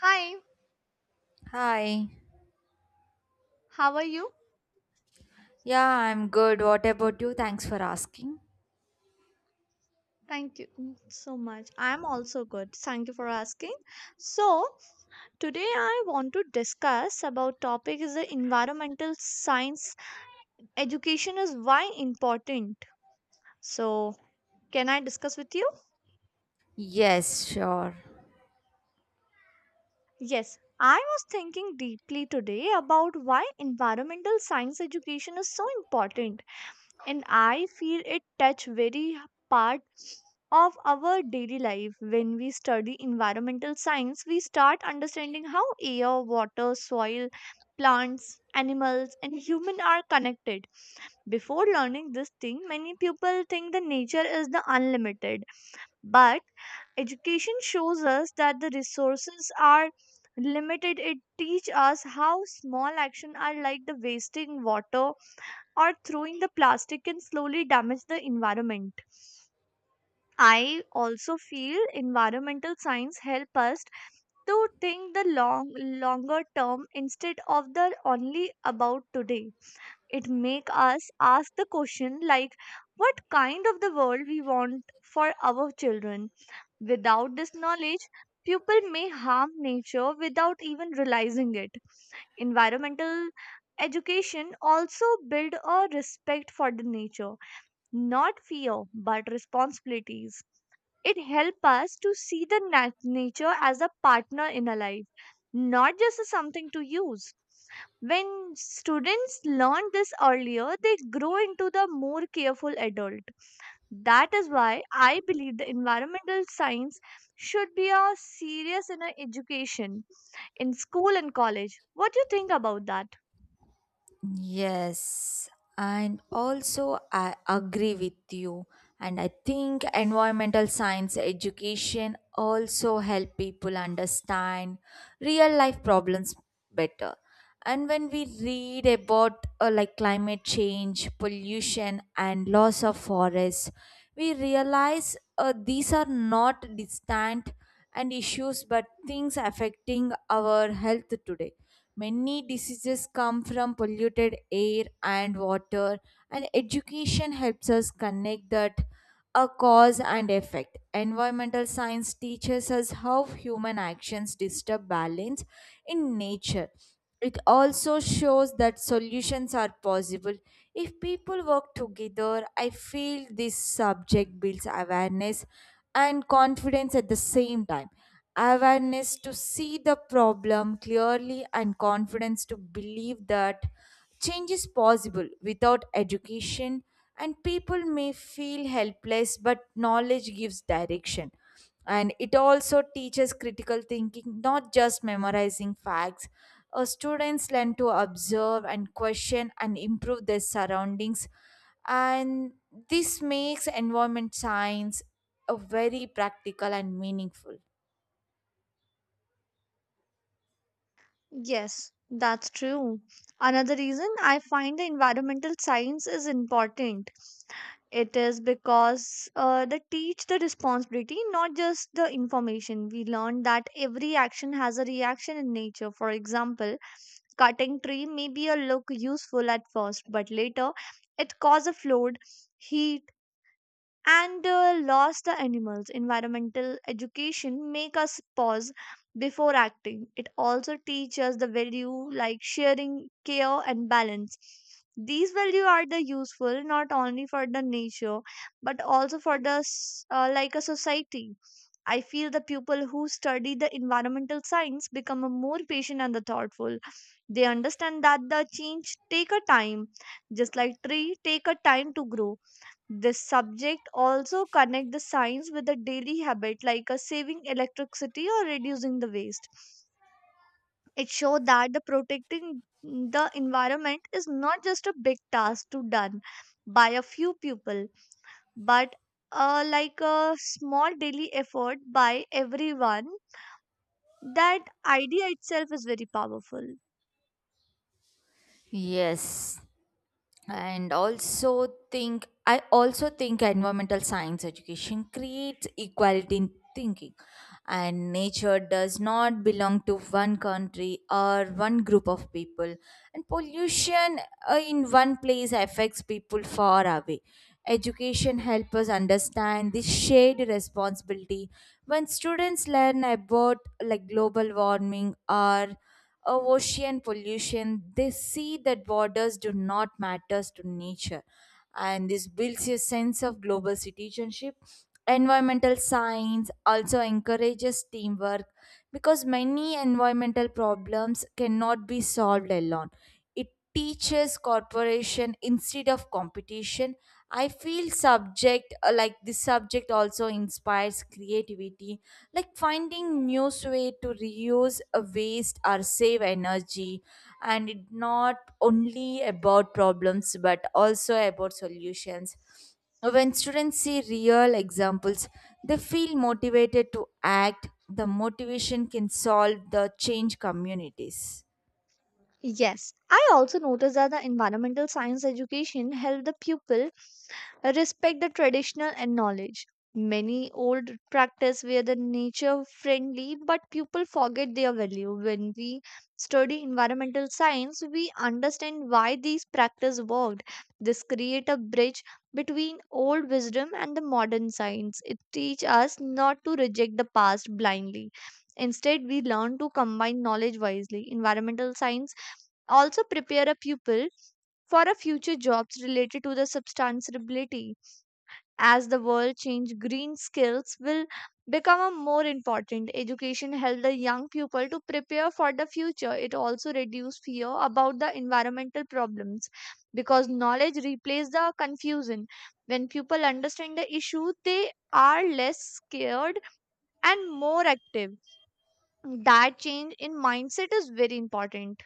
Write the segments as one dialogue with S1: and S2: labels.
S1: Hi,
S2: Hi.
S1: how are you?
S2: Yeah, I'm good. What about you? Thanks for asking.
S1: Thank you so much. I'm also good. Thank you for asking. So, today I want to discuss about topic is the environmental science education is why important. So, can I discuss with you?
S2: Yes, sure.
S1: Yes. I was thinking deeply today about why environmental science education is so important. And I feel it touch very part of our daily life. When we study environmental science, we start understanding how air, water, soil, plants, animals, and human are connected. Before learning this thing, many people think the nature is the unlimited, but education shows us that the resources are limited. It teach us how small action are, like the wasting water or throwing the plastic, can slowly damage the environment. I also feel environmental science help us to think the longer term instead of the only about today. It make us ask the question, like what kind of the world we want for our children. Without this knowledge, people may harm nature without even realizing it. Environmental education also build a respect for the nature, not fear but responsibilities. It helps us to see the nature as a partner in our life, not just as something to use. When students learn this earlier, they grow into the more careful adult. That is why I believe the environmental science should be a serious in our education, in school and college. What do you think about that?
S2: Yes, and also I agree with you. And I think environmental science education also help people understand real life problems better. And when we read about like climate change, pollution, and loss of forests, we realize these are not distant and issues, but things affecting our health today. Many diseases come from polluted air and water, and education helps us connect that a cause and effect. Environmental science teaches us how human actions disturb balance in nature. It also shows that solutions are possible. If people work together, I feel this subject builds awareness and confidence at the same time. Awareness to see the problem clearly and confidence to believe that change is possible without education, and people may feel helpless, but knowledge gives direction. And it also teaches critical thinking, not just memorizing facts. Students learn to observe and question and improve their surroundings, and this makes environment science a very practical and meaningful.
S1: Yes, that's true. Another reason I find the environmental science is important. It is because they teach the responsibility, not just the information. We learn that every action has a reaction in nature. For example, cutting tree may be a look useful at first, but later it cause a flood, heat, and lost the animals. Environmental education make us pause before acting. It also teaches the value, like sharing, care, and balance. These value are the useful not only for the nature, but also for the like a society. I feel the people who study the environmental science become a more patient and the thoughtful. They understand that the change take a time, just like tree take a time to grow. This subject also connect the science with a daily habit, like a saving electricity or reducing the waste. It showed that the protecting the environment is not just a big task to done by a few people, but like a small daily effort by everyone. That idea itself is very powerful.
S2: Yes, and also think I also think environmental science education creates equality in thinking, and nature does not belong to one country or one group of people, and pollution, in one place affects people far away. Education helps us understand this shared responsibility when students learn about like global warming or of ocean pollution. They see that borders do not matter to nature. And this builds a sense of global citizenship. Environmental science also encourages teamwork because many environmental problems cannot be solved alone. It teaches corporation instead of competition. I feel subject like this subject also inspires creativity, like finding new way to reuse, waste, or save energy, and it not only about problems but also about solutions. When students see real examples, they feel motivated to act. The motivation can solve the change communities.
S1: Yes, I also noticed that the environmental science education helped the pupil respect the traditional and knowledge. Many old practice were the nature friendly, but people forget their value. When we study environmental science, we understand why these practice worked. This create a bridge between old wisdom and the modern science. It teach us not to reject the past blindly. Instead, we learn to combine knowledge wisely. Environmental science also prepare a pupil for a future jobs related to the sustainability. As the world change, green skills will become a more important. Education help the young people to prepare for the future. It also reduce fear about the environmental problems, because knowledge replaces the confusion. When people understand the issue, they are less scared and more active. That change in mindset is very important.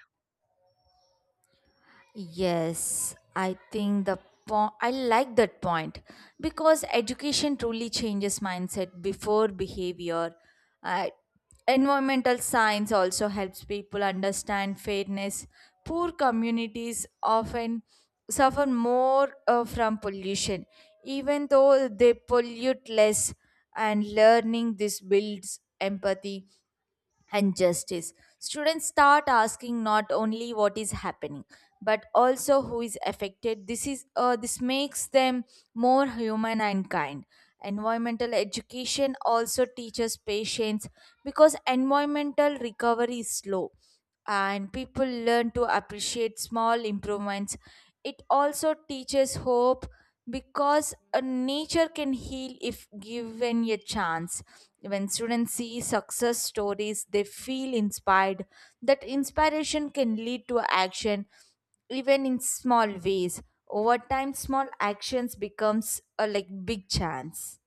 S2: Yes, I think the I like that point because education truly changes mindset before behavior. Uh, Environmental science also helps people understand fairness. Poor communities often suffer more from pollution, even though they pollute less, and learning this builds empathy and justice. Students start asking not only what is happening, but also who is affected. This makes them more human and kind. Environmental education also teaches patience because environmental recovery is slow, and people learn to appreciate small improvements. It also teaches hope because nature can heal if given a chance. When students see success stories, they feel inspired. That inspiration can lead to action even in small ways. Over time, small actions becomes a like big chance.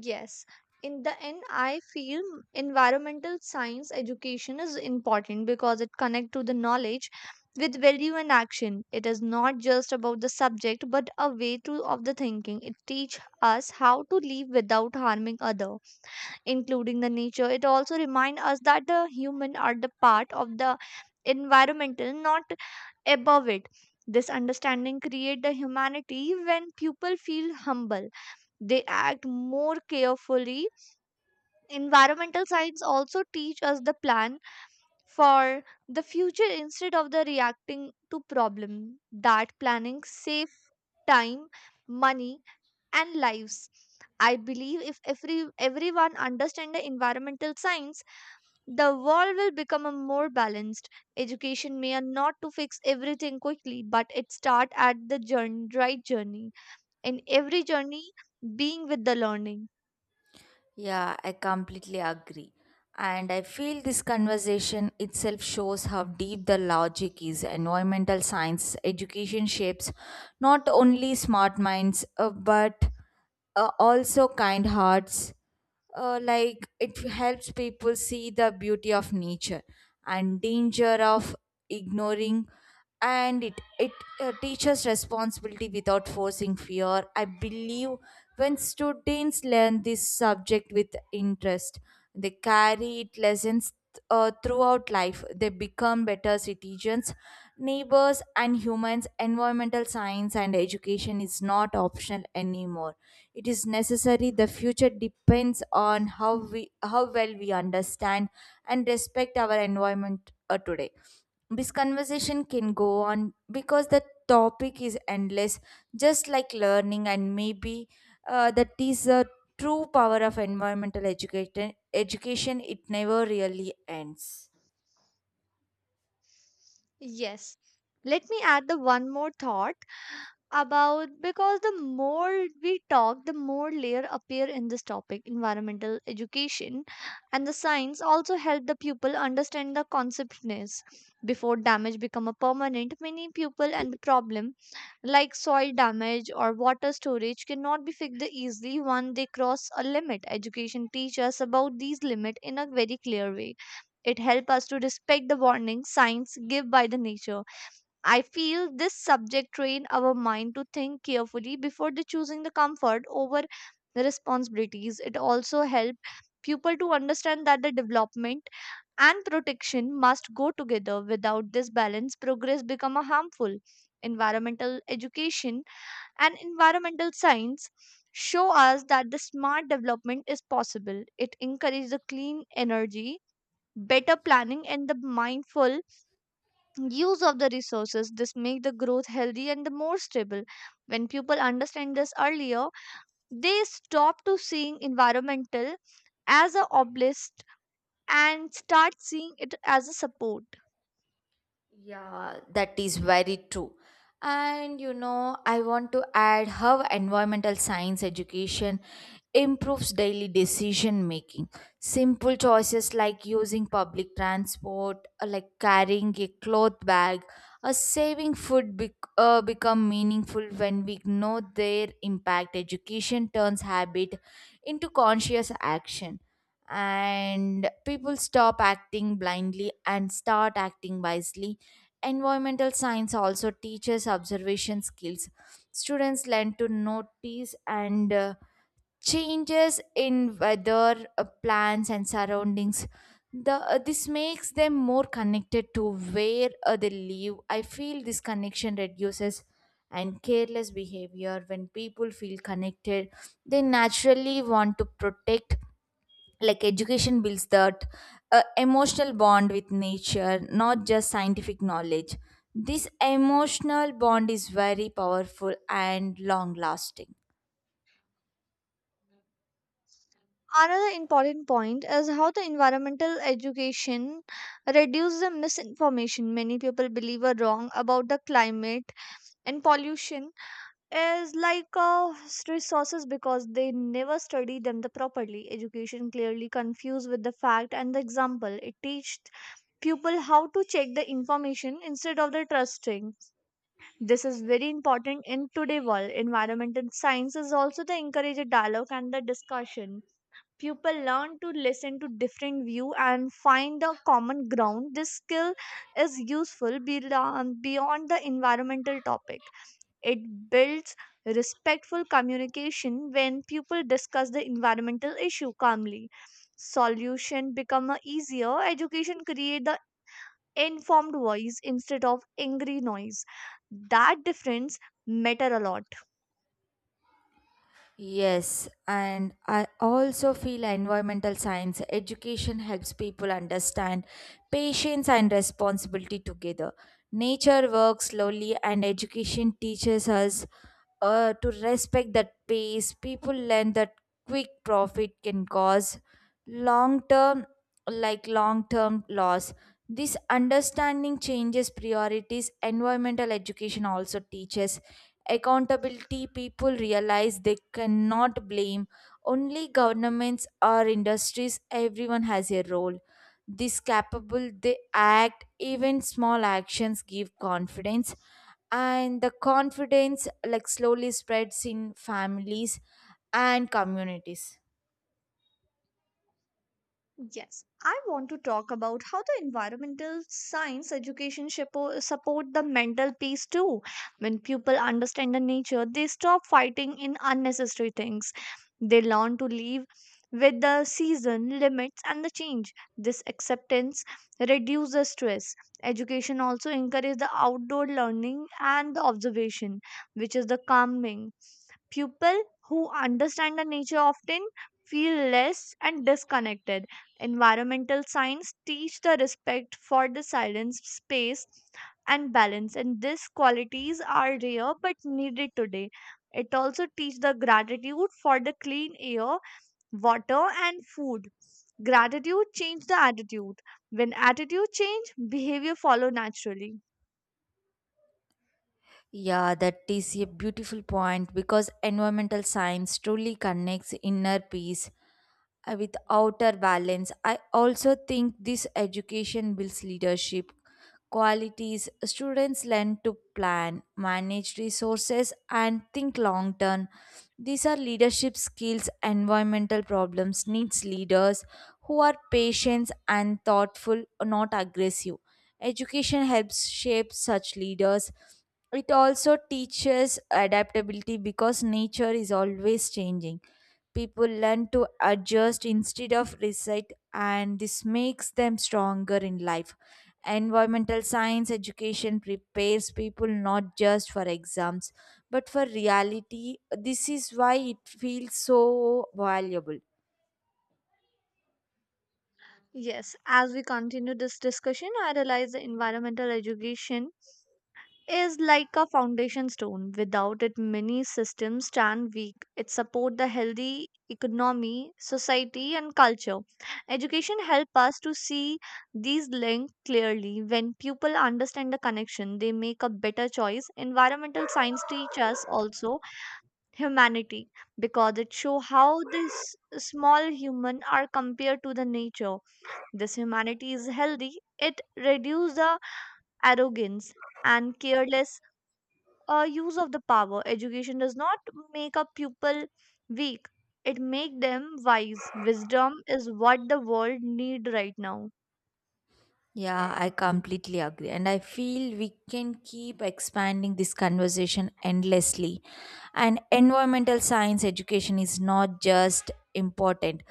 S1: Yes, in the end, I feel environmental science education is important because it connects to the knowledge with value and action. It is not just about the subject, but a way to of the thinking. It teach us how to live without harming other, including the nature. It also remind us that the human are the part of the environmental, not above it. This understanding create the humanity. When people feel humble, they act more carefully. Environmental science also teach us the plan for the future instead of the reacting to problem. That planning save time, money, and lives. I believe if everyone understand the environmental science, the world will become a more balanced. Education may not to fix everything quickly, but it start at the journey, right journey. In every journey, being with the learning.
S2: Yeah, I completely agree. And I feel this conversation itself shows how deep the logic is. Environmental science education shapes not only smart minds, but also kind hearts. Like it helps people see the beauty of nature and danger of ignoring, and it teaches responsibility without forcing fear. I believe when students learn this subject with interest, they carry it lessons throughout life. They become better citizens, neighbors, and humans. Environmental science and education is not optional anymore. It is necessary. The future depends on how well we understand and respect our environment, today. This conversation can go on because the topic is endless, just like learning. And maybe that is the true power of environmental education. It never really ends.
S1: Yes. Let me add the one more thought, about because the more we talk, the more layer appear in this topic environmental education. And the science also help the pupil understand the conceptness before damage become a permanent. Many pupil and the problem, like soil damage or water storage, cannot be fixed easily when they cross a limit. Education teach us about these limit in a very clear way. It helps us to respect the warning signs give by the nature. I feel this subject train our mind to think carefully before the choosing the comfort over the responsibilities. It also helps people to understand that the development and protection must go together. Without this balance, progress become a harmful. Environmental education and environmental science show us that the smart development is possible. It encourages the clean energy, better planning, and the mindful use of the resources. This make the growth healthy and the more stable. When people understand this earlier, they stop to seeing environmental as a obelisk and start seeing it as a support.
S2: Yeah, that is very true. And you know, I want to add how environmental science education improves daily decision making. Simple choices like using public transport, like carrying a cloth bag, or saving food become meaningful when we know their impact. Education turns habit into conscious action, and people stop acting blindly and start acting wisely. Environmental science also teaches observation skills. Students learn to notice and changes in weather, plans and surroundings. The uh, this makes them more connected to where they live. I feel this connection reduces and careless behavior. When people feel connected, they naturally want to protect, like education builds that emotional bond with nature, not just scientific knowledge. This emotional bond is very powerful and long lasting.
S1: Another important point is how the environmental education reduces the misinformation. Many people believe are wrong about the climate and pollution is like resources, because they never study them the properly. Education clearly confused with the fact and the example. It teaches people how to check the information instead of the trusting. This is very important in today's world. Environmental science is also the encourage a dialogue and the discussion. People learn to listen to different view and find the common ground. This skill is useful beyond the environmental topic. It builds respectful communication. When people discuss the environmental issue calmly, solution become a easier. Education create the informed voice instead of angry noise. That difference matter a lot.
S2: Yes, and I also feel environmental science education helps people understand patience and responsibility together. Nature works slowly, and education teaches us to respect that pace. People learn that quick profit can cause long term, long term loss. This understanding changes priorities. Environmental education also teaches accountability. People realize they cannot blame only governments or industries. Everyone has a role. This capable, they act. Even small actions give confidence, and the confidence like slowly spreads in families and communities.
S1: Yes, I want to talk about how the environmental science education support the mental peace too. When people understand the nature, they stop fighting in unnecessary things. They learn to live with the season, limits, and the change. This acceptance reduces stress. Education also encourages the outdoor learning and the observation, which is the calming. People who understand the nature often feel less and disconnected. Environmental science teach the respect for the silence, space, and balance, and these qualities are rare but needed today. It also teach the gratitude for the clean air, water, and food. Gratitude change the attitude. When attitude change, behavior follow naturally.
S2: Yeah, that is a beautiful point because environmental science truly connects inner peace with outer balance. I also think this education builds leadership qualities. Students learn to plan, manage resources, and think long term. These are leadership skills. Environmental problems needs leaders who are patient and thoughtful, not aggressive. Education helps shape such leaders. It also teaches adaptability because nature is always changing. People learn to adjust instead of resist, and this makes them stronger in life. Environmental science education prepares people not just for exams but for reality. This is why it feels so valuable.
S1: Yes, as we continue this discussion, I realize the environmental education is like a foundation stone. Without it, many systems stand weak. It supports the healthy economy, society, and culture. Education help us to see these links clearly. When people understand the connection, they make a better choice. Environmental science teach us also humanity, because it show how this small human are compared to the nature. This humanity is healthy. It reduce the arrogance and careless use of the power. Education does not make a pupil weak; it make them wise. Wisdom is what the world need right now.
S2: Yeah, I completely agree. And I feel we can keep expanding this conversation endlessly. And environmental science education is not just important,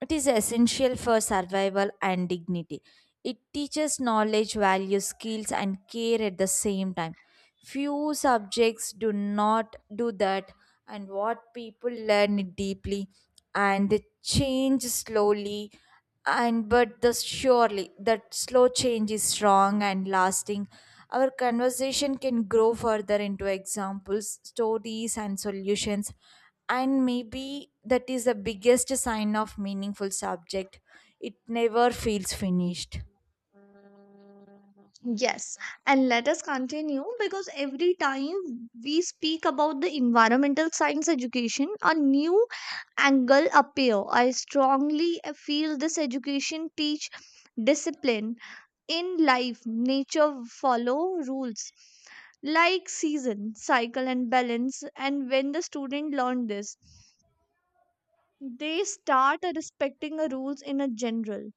S2: it is essential for survival and dignity. It teaches knowledge, values, skills, and care at the same time. Few subjects do not do that, and what people learn deeply and change slowly and but the surely that slow change is strong and lasting. Our conversation can grow further into examples, stories, and solutions, and maybe that is the biggest sign of meaningful subject. It never feels finished.
S1: Yes, and let us continue, because every time we speak about the environmental science education, a new angle appear. I strongly feel this education teach discipline in life. Nature follow rules, like season, cycle, and balance. And when the student learn this, they start respecting the rules in a general.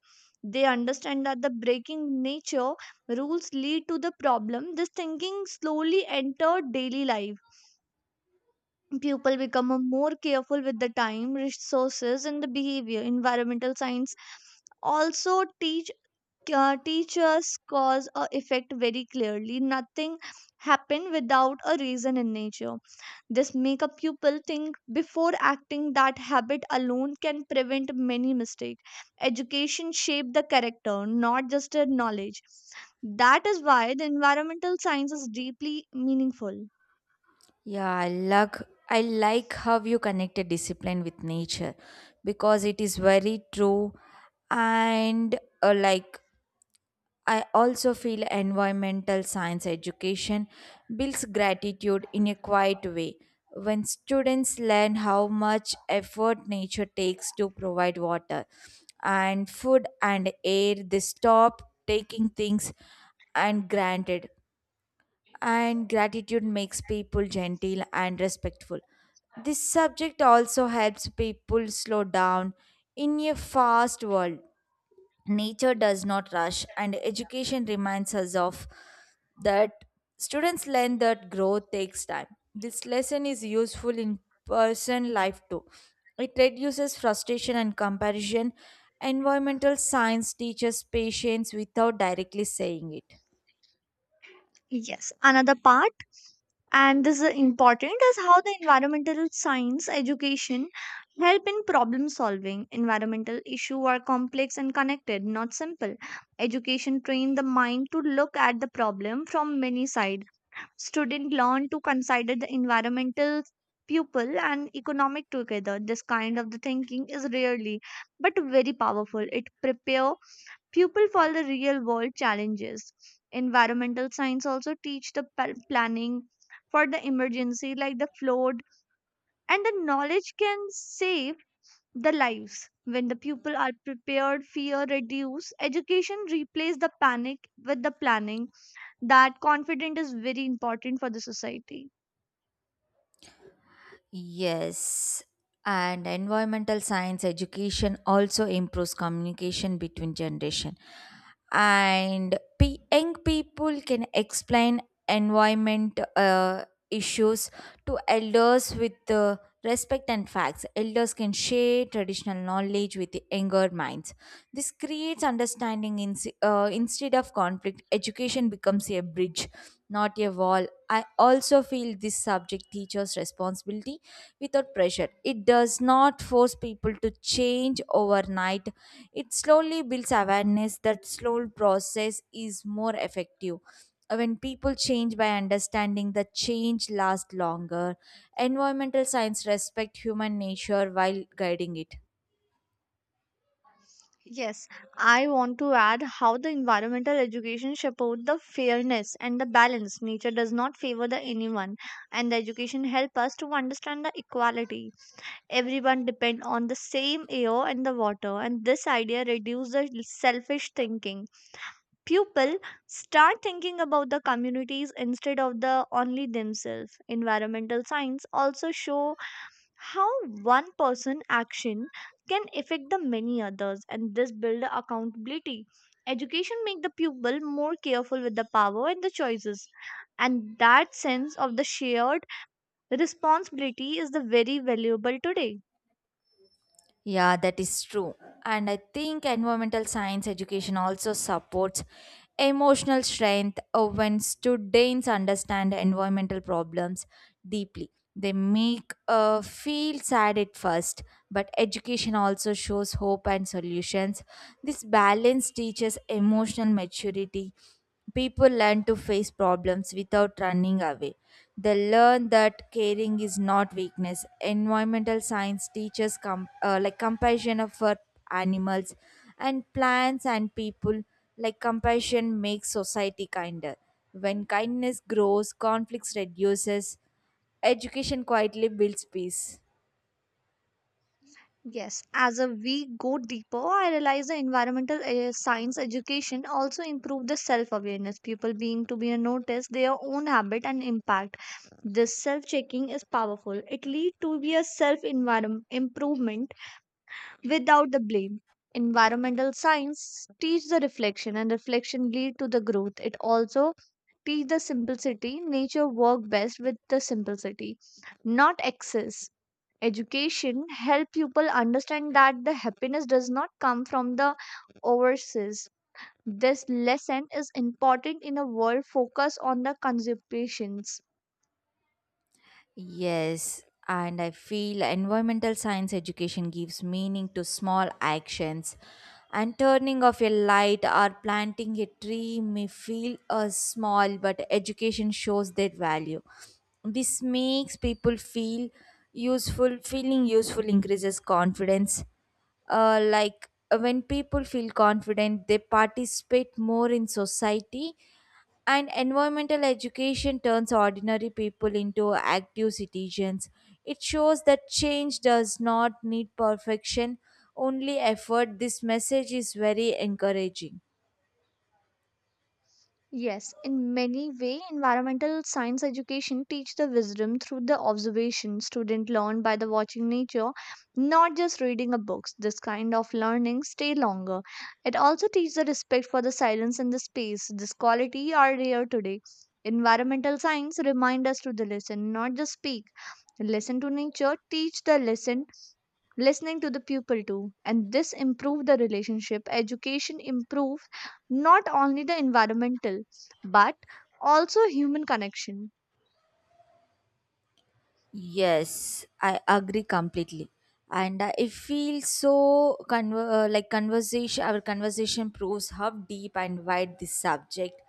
S1: They understand that the breaking nature rules lead to the problem. This thinking slowly enter daily life. People become a more careful with the time, resources, and the behavior. Environmental science also teach teachers cause or effect very clearly. Nothing happen without a reason in nature. This make a pupil think before acting. That habit alone can prevent many mistakes. Education shape the character, not just a knowledge. That is why the environmental science is deeply meaningful.
S2: Yeah, I like how you connected discipline with nature because it is very true. And like I also feel environmental science education builds gratitude in a quiet way. When students learn how much effort nature takes to provide water and food and air, they stop taking things and granted. And gratitude makes people gentle and respectful. This subject also helps people slow down in a fast world. Nature does not rush, and education reminds us of that. Students learn that growth takes time. This lesson is useful in person life too. It reduces frustration and comparison. Environmental science teaches patience without directly saying it.
S1: Yes, another part, and this is important, is how the environmental science education help in problem solving. Environmental issue are complex and connected, not simple. Education train the mind to look at the problem from many sides. Student learn to consider the environmental, pupil, and economic together. This kind of the thinking is rarely but very powerful. It prepare pupil for the real world challenges. Environmental science also teach the planning for the emergency, like the flood, and the knowledge can save the lives. When the pupil are prepared, fear reduce. Education replace the panic with the planning. That confidence is very important for the society.
S2: Yes, and environmental science education also improves communication between generation. And young people can explain environment issues to elders with respect and facts. Elders can share traditional knowledge with the younger minds. This creates understanding instead of conflict. Education becomes a bridge, not a wall. I also feel this subject teaches responsibility without pressure. It does not force people to change overnight. It slowly builds awareness that slow process is more effective. When people change by understanding, the change lasts longer. Environmental science respect human nature while guiding it.
S1: Yes, I want to add how the environmental education support the fairness and the balance. Nature does not favor the anyone, and the education help us to understand the equality. Everyone depend on the same air and the water, and this idea reduces the selfish thinking. People start thinking about the communities instead of the only themselves. Environmental science also show how one person action can affect the many others, and this build accountability. Education make the pupil more careful with the power and the choices, and that sense of the shared responsibility is the very valuable today.
S2: Yeah, that is true. And I think environmental science education also supports emotional strength when students understand environmental problems deeply. They make feel sad at first, but education also shows hope and solutions. This balance teaches emotional maturity. People learn to face problems without running away. They learn that caring is not weakness. Environmental science teaches compassion for animals and plants and people. Like compassion makes society kinder. When kindness grows, conflicts reduces. Education quietly builds peace.
S1: Yes, as a we go deeper, I realize the environmental science education also improve the self-awareness. People being to be notice their own habit and impact. This self-checking is powerful. It lead to be a self-environment improvement without the blame. Environmental science teach the reflection, and reflection lead to the growth. It also teach the simplicity. Nature work best with the simplicity, not excess. Education help people understand that the happiness does not come from the overseas. This lesson is important in a world focused on the consumptions.
S2: Yes, and I feel environmental science education gives meaning to small actions. And turning off a light or planting a tree may feel small, but education shows their value. This makes people feel useful. Feeling useful increases confidence. Like when people feel confident, they participate more in society, and environmental education turns ordinary people into active citizens. It shows that change does not need perfection, only effort. This message is very encouraging.
S1: Yes, in many way, environmental science education teach the wisdom through the observation. Student learn by the watching nature, not just reading a books. This kind of learning stay longer. It also teaches the respect for the silence and the space. This quality are rare today. Environmental science remind us to the listen, not just speak. Listen to nature, teach the lesson. Listening to the pupil too, and this improve the relationship. Education improve not only the environmental, but also human connection.
S2: Yes, I agree completely. And I feel our conversation proves how deep and wide this subject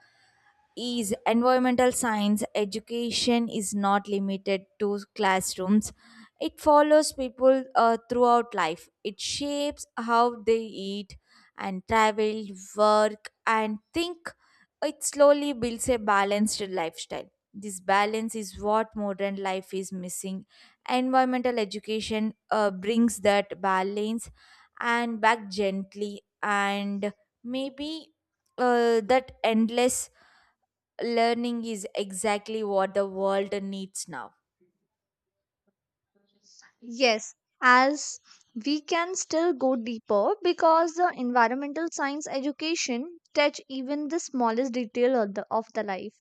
S2: is. Environmental science education is not limited to classrooms. It follows people throughout life. It shapes how they eat and travel, work and think. It slowly builds a balanced lifestyle. This balance is what modern life is missing. Environmental education brings that balance and back gently, and maybe that endless learning is exactly what the world needs now.
S1: Yes, as we can still go deeper because the environmental science education touch even the smallest detail of the life.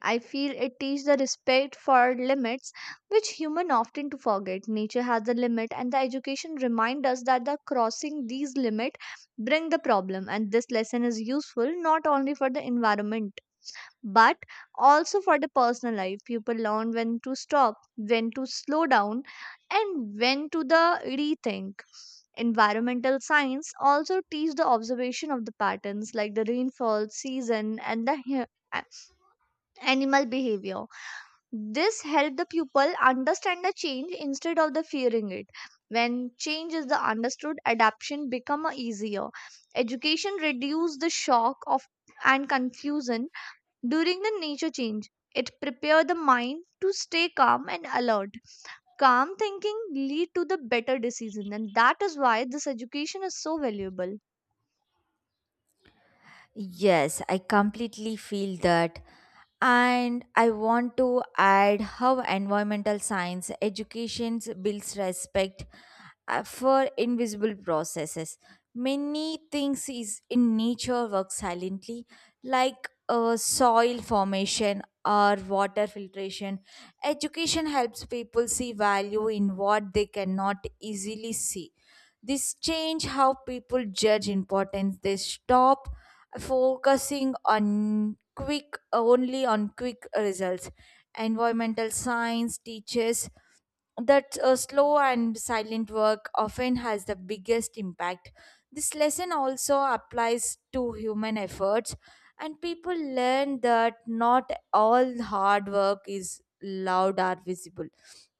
S1: I feel it teaches the respect for limits, which human often to forget. Nature has a limit, and the education remind us that the crossing these limit bring the problem. And this lesson is useful not only for the environment, but also for the personal life. People learn when to stop, when to slow down, and when to the rethink. Environmental science also teach the observation of the patterns, like the rainfall season and the a- animal behavior. This help the pupil understand the change instead of the fearing it. When change is the understood, adaptation become a easier. Education reduce the shock of and confusion during the nature change. It prepare the mind to stay calm and alert. Calm thinking lead to the better decision, and that is why this education is so valuable.
S2: Yes, I completely feel that. And I want to add how environmental science education builds respect for invisible processes. Many things is in nature work silently, like soil formation or water filtration. Education helps people see value in what they cannot easily see. This change how people judge importance. They stop focusing on quick results. Environmental science teaches that slow and silent work often has the biggest impact. This lesson also applies to human efforts, and people learn that not all hard work is loud or visible.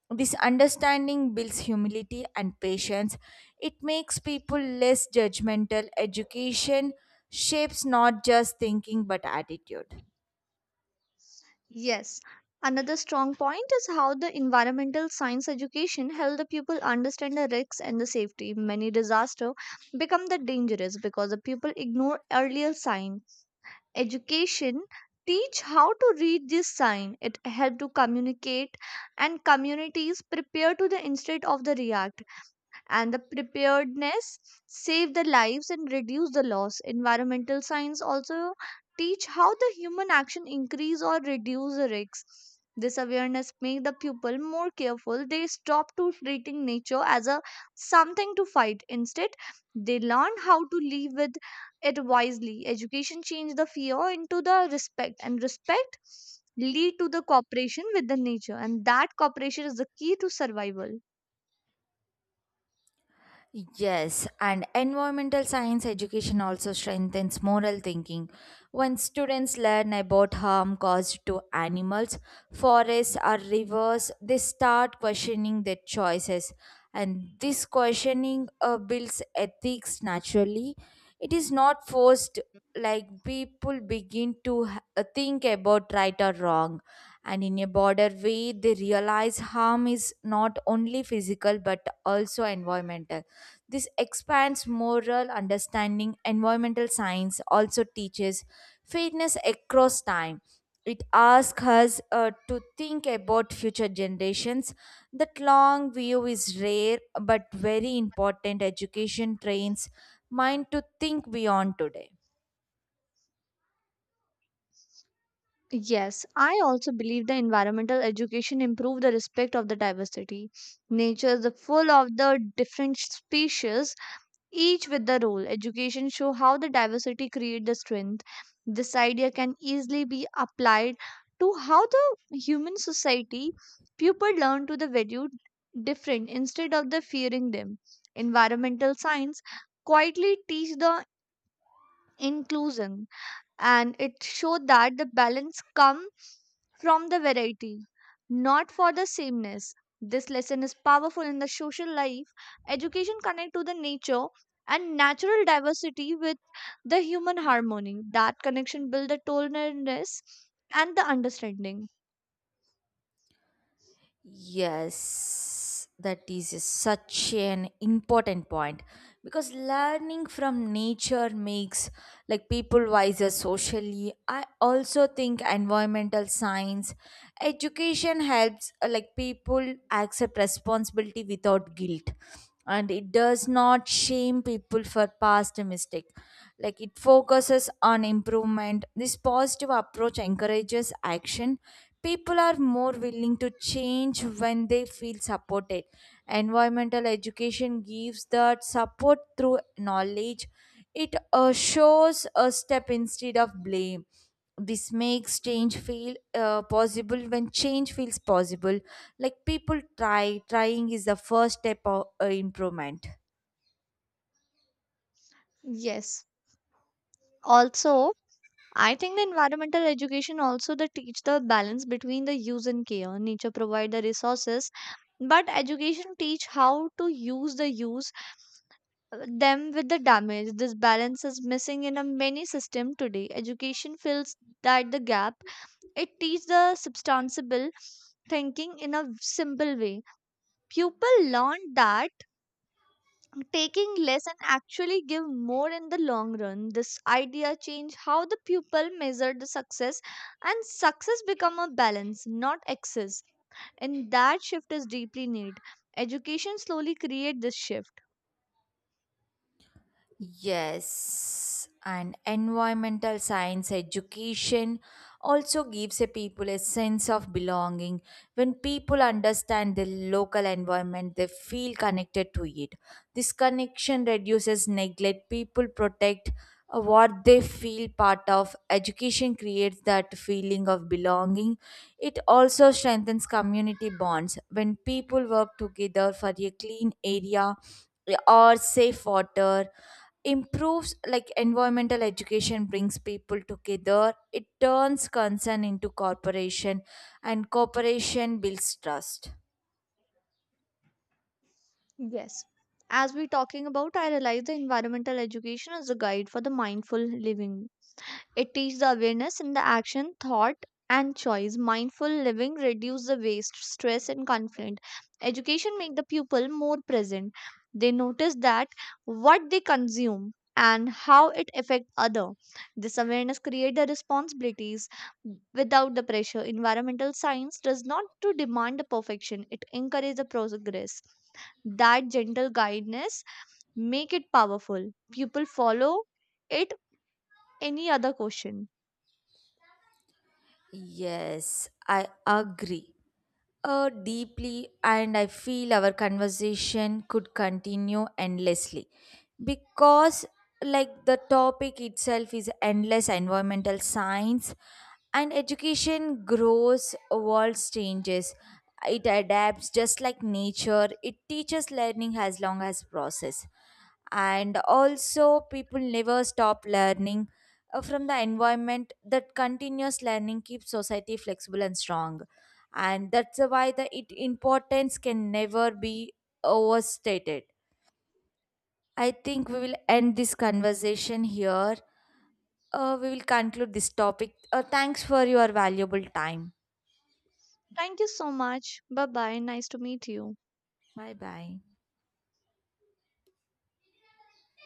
S2: This understanding builds humility and patience. It makes people less judgmental. Education shapes not just thinking but attitude.
S1: Yes. Another strong point is how the environmental science education help the people understand the risks and the safety. Many disaster become the dangerous because the people ignore earlier sign. Education teach how to read this sign. It help to communicate, and communities prepare to the instead of the react. And the preparedness save the lives and reduce the loss. Environmental science also teach how the human action increase or reduce the risks. This awareness make the pupil more careful. They stop to treating nature as a something to fight. Instead, they learn how to live with it wisely. Education change the fear into the respect, and respect lead to the cooperation with the nature, and that cooperation is the key to survival.
S2: Yes, and environmental science education also strengthens moral thinking. When students learn about harm caused to animals, forests, or rivers, they start questioning their choices. And this questioning builds ethics naturally. It is not forced, like people begin to think about right or wrong. And in a broader way, they realize harm is not only physical but also environmental. This expands moral understanding. Environmental science also teaches fairness across time. It asks us to think about future generations. That long view is rare but very important. Education trains mind to think beyond today.
S1: Yes, I also believe the environmental education improve the respect of the diversity. Nature is full of the different species, each with the role. Education show how the diversity create the strength. This idea can easily be applied to how the human society. People learn to the value different instead of the fearing them. Environmental science quietly teach the inclusion, and it showed that the balance come from the variety, not for the sameness. This lesson is powerful in the social life. Education connect to the nature and natural diversity with the human harmony. That connection build the tolerance and the understanding.
S2: Yes, that is such an important point because learning from nature makes like people wiser socially. I also think environmental science education helps like people accept responsibility without guilt, and it does not shame people for past mistake. Like it focuses on improvement. This positive approach encourages action. People are more willing to change when they feel supported. Environmental education gives that support through knowledge. It shows a step instead of blame. This makes change feel possible. When change feels possible, like people trying is the first step of improvement.
S1: Yes, also, I think the environmental education also the teach the balance between the use and care. Nature provide the resources, but education teach how to use the use them with the damage. This balance is missing in a many system today. Education fills that the gap. It teaches the substantial thinking in a simple way. People learn that taking less and actually give more in the long run. This idea change how the pupil measure the success, and success become a balance, not excess. And that shift is deeply need. Education slowly create this shift.
S2: Yes, and environmental science education also gives a people a sense of belonging. When people understand the local environment, they feel connected to it. This connection reduces neglect. People protect what they feel part of. Education creates that feeling of belonging. It also strengthens community bonds. When people work together for a clean area, or safe water, improves like environmental education brings people together. It turns concern into cooperation, and cooperation builds trust.
S1: Yes. As we're talking about, I realize the environmental education is a guide for the mindful living. It teaches the awareness in the action, thought, and choice. Mindful living reduce the waste, stress, and conflict. Education make the pupil more present. They notice that what they consume and how it affect other. This awareness create the responsibilities without the pressure. Environmental science does not to demand the perfection. It encourages the progress. That gentle guidance make it powerful. Pupil follow it. Any other question?
S2: Yes, I agree, deeply, and I feel our conversation could continue endlessly because, like, the topic itself is endless. Environmental science and education grows, world changes, it adapts just like nature, it teaches learning as long as process, and also people never stop learning from the environment. That continuous learning keeps society flexible and strong. And that's why the it importance can never be overstated. I think we will end this conversation here. We will conclude this topic. Thanks for your valuable time.
S1: Thank you so much. Bye bye. Nice to meet you.
S2: Bye bye.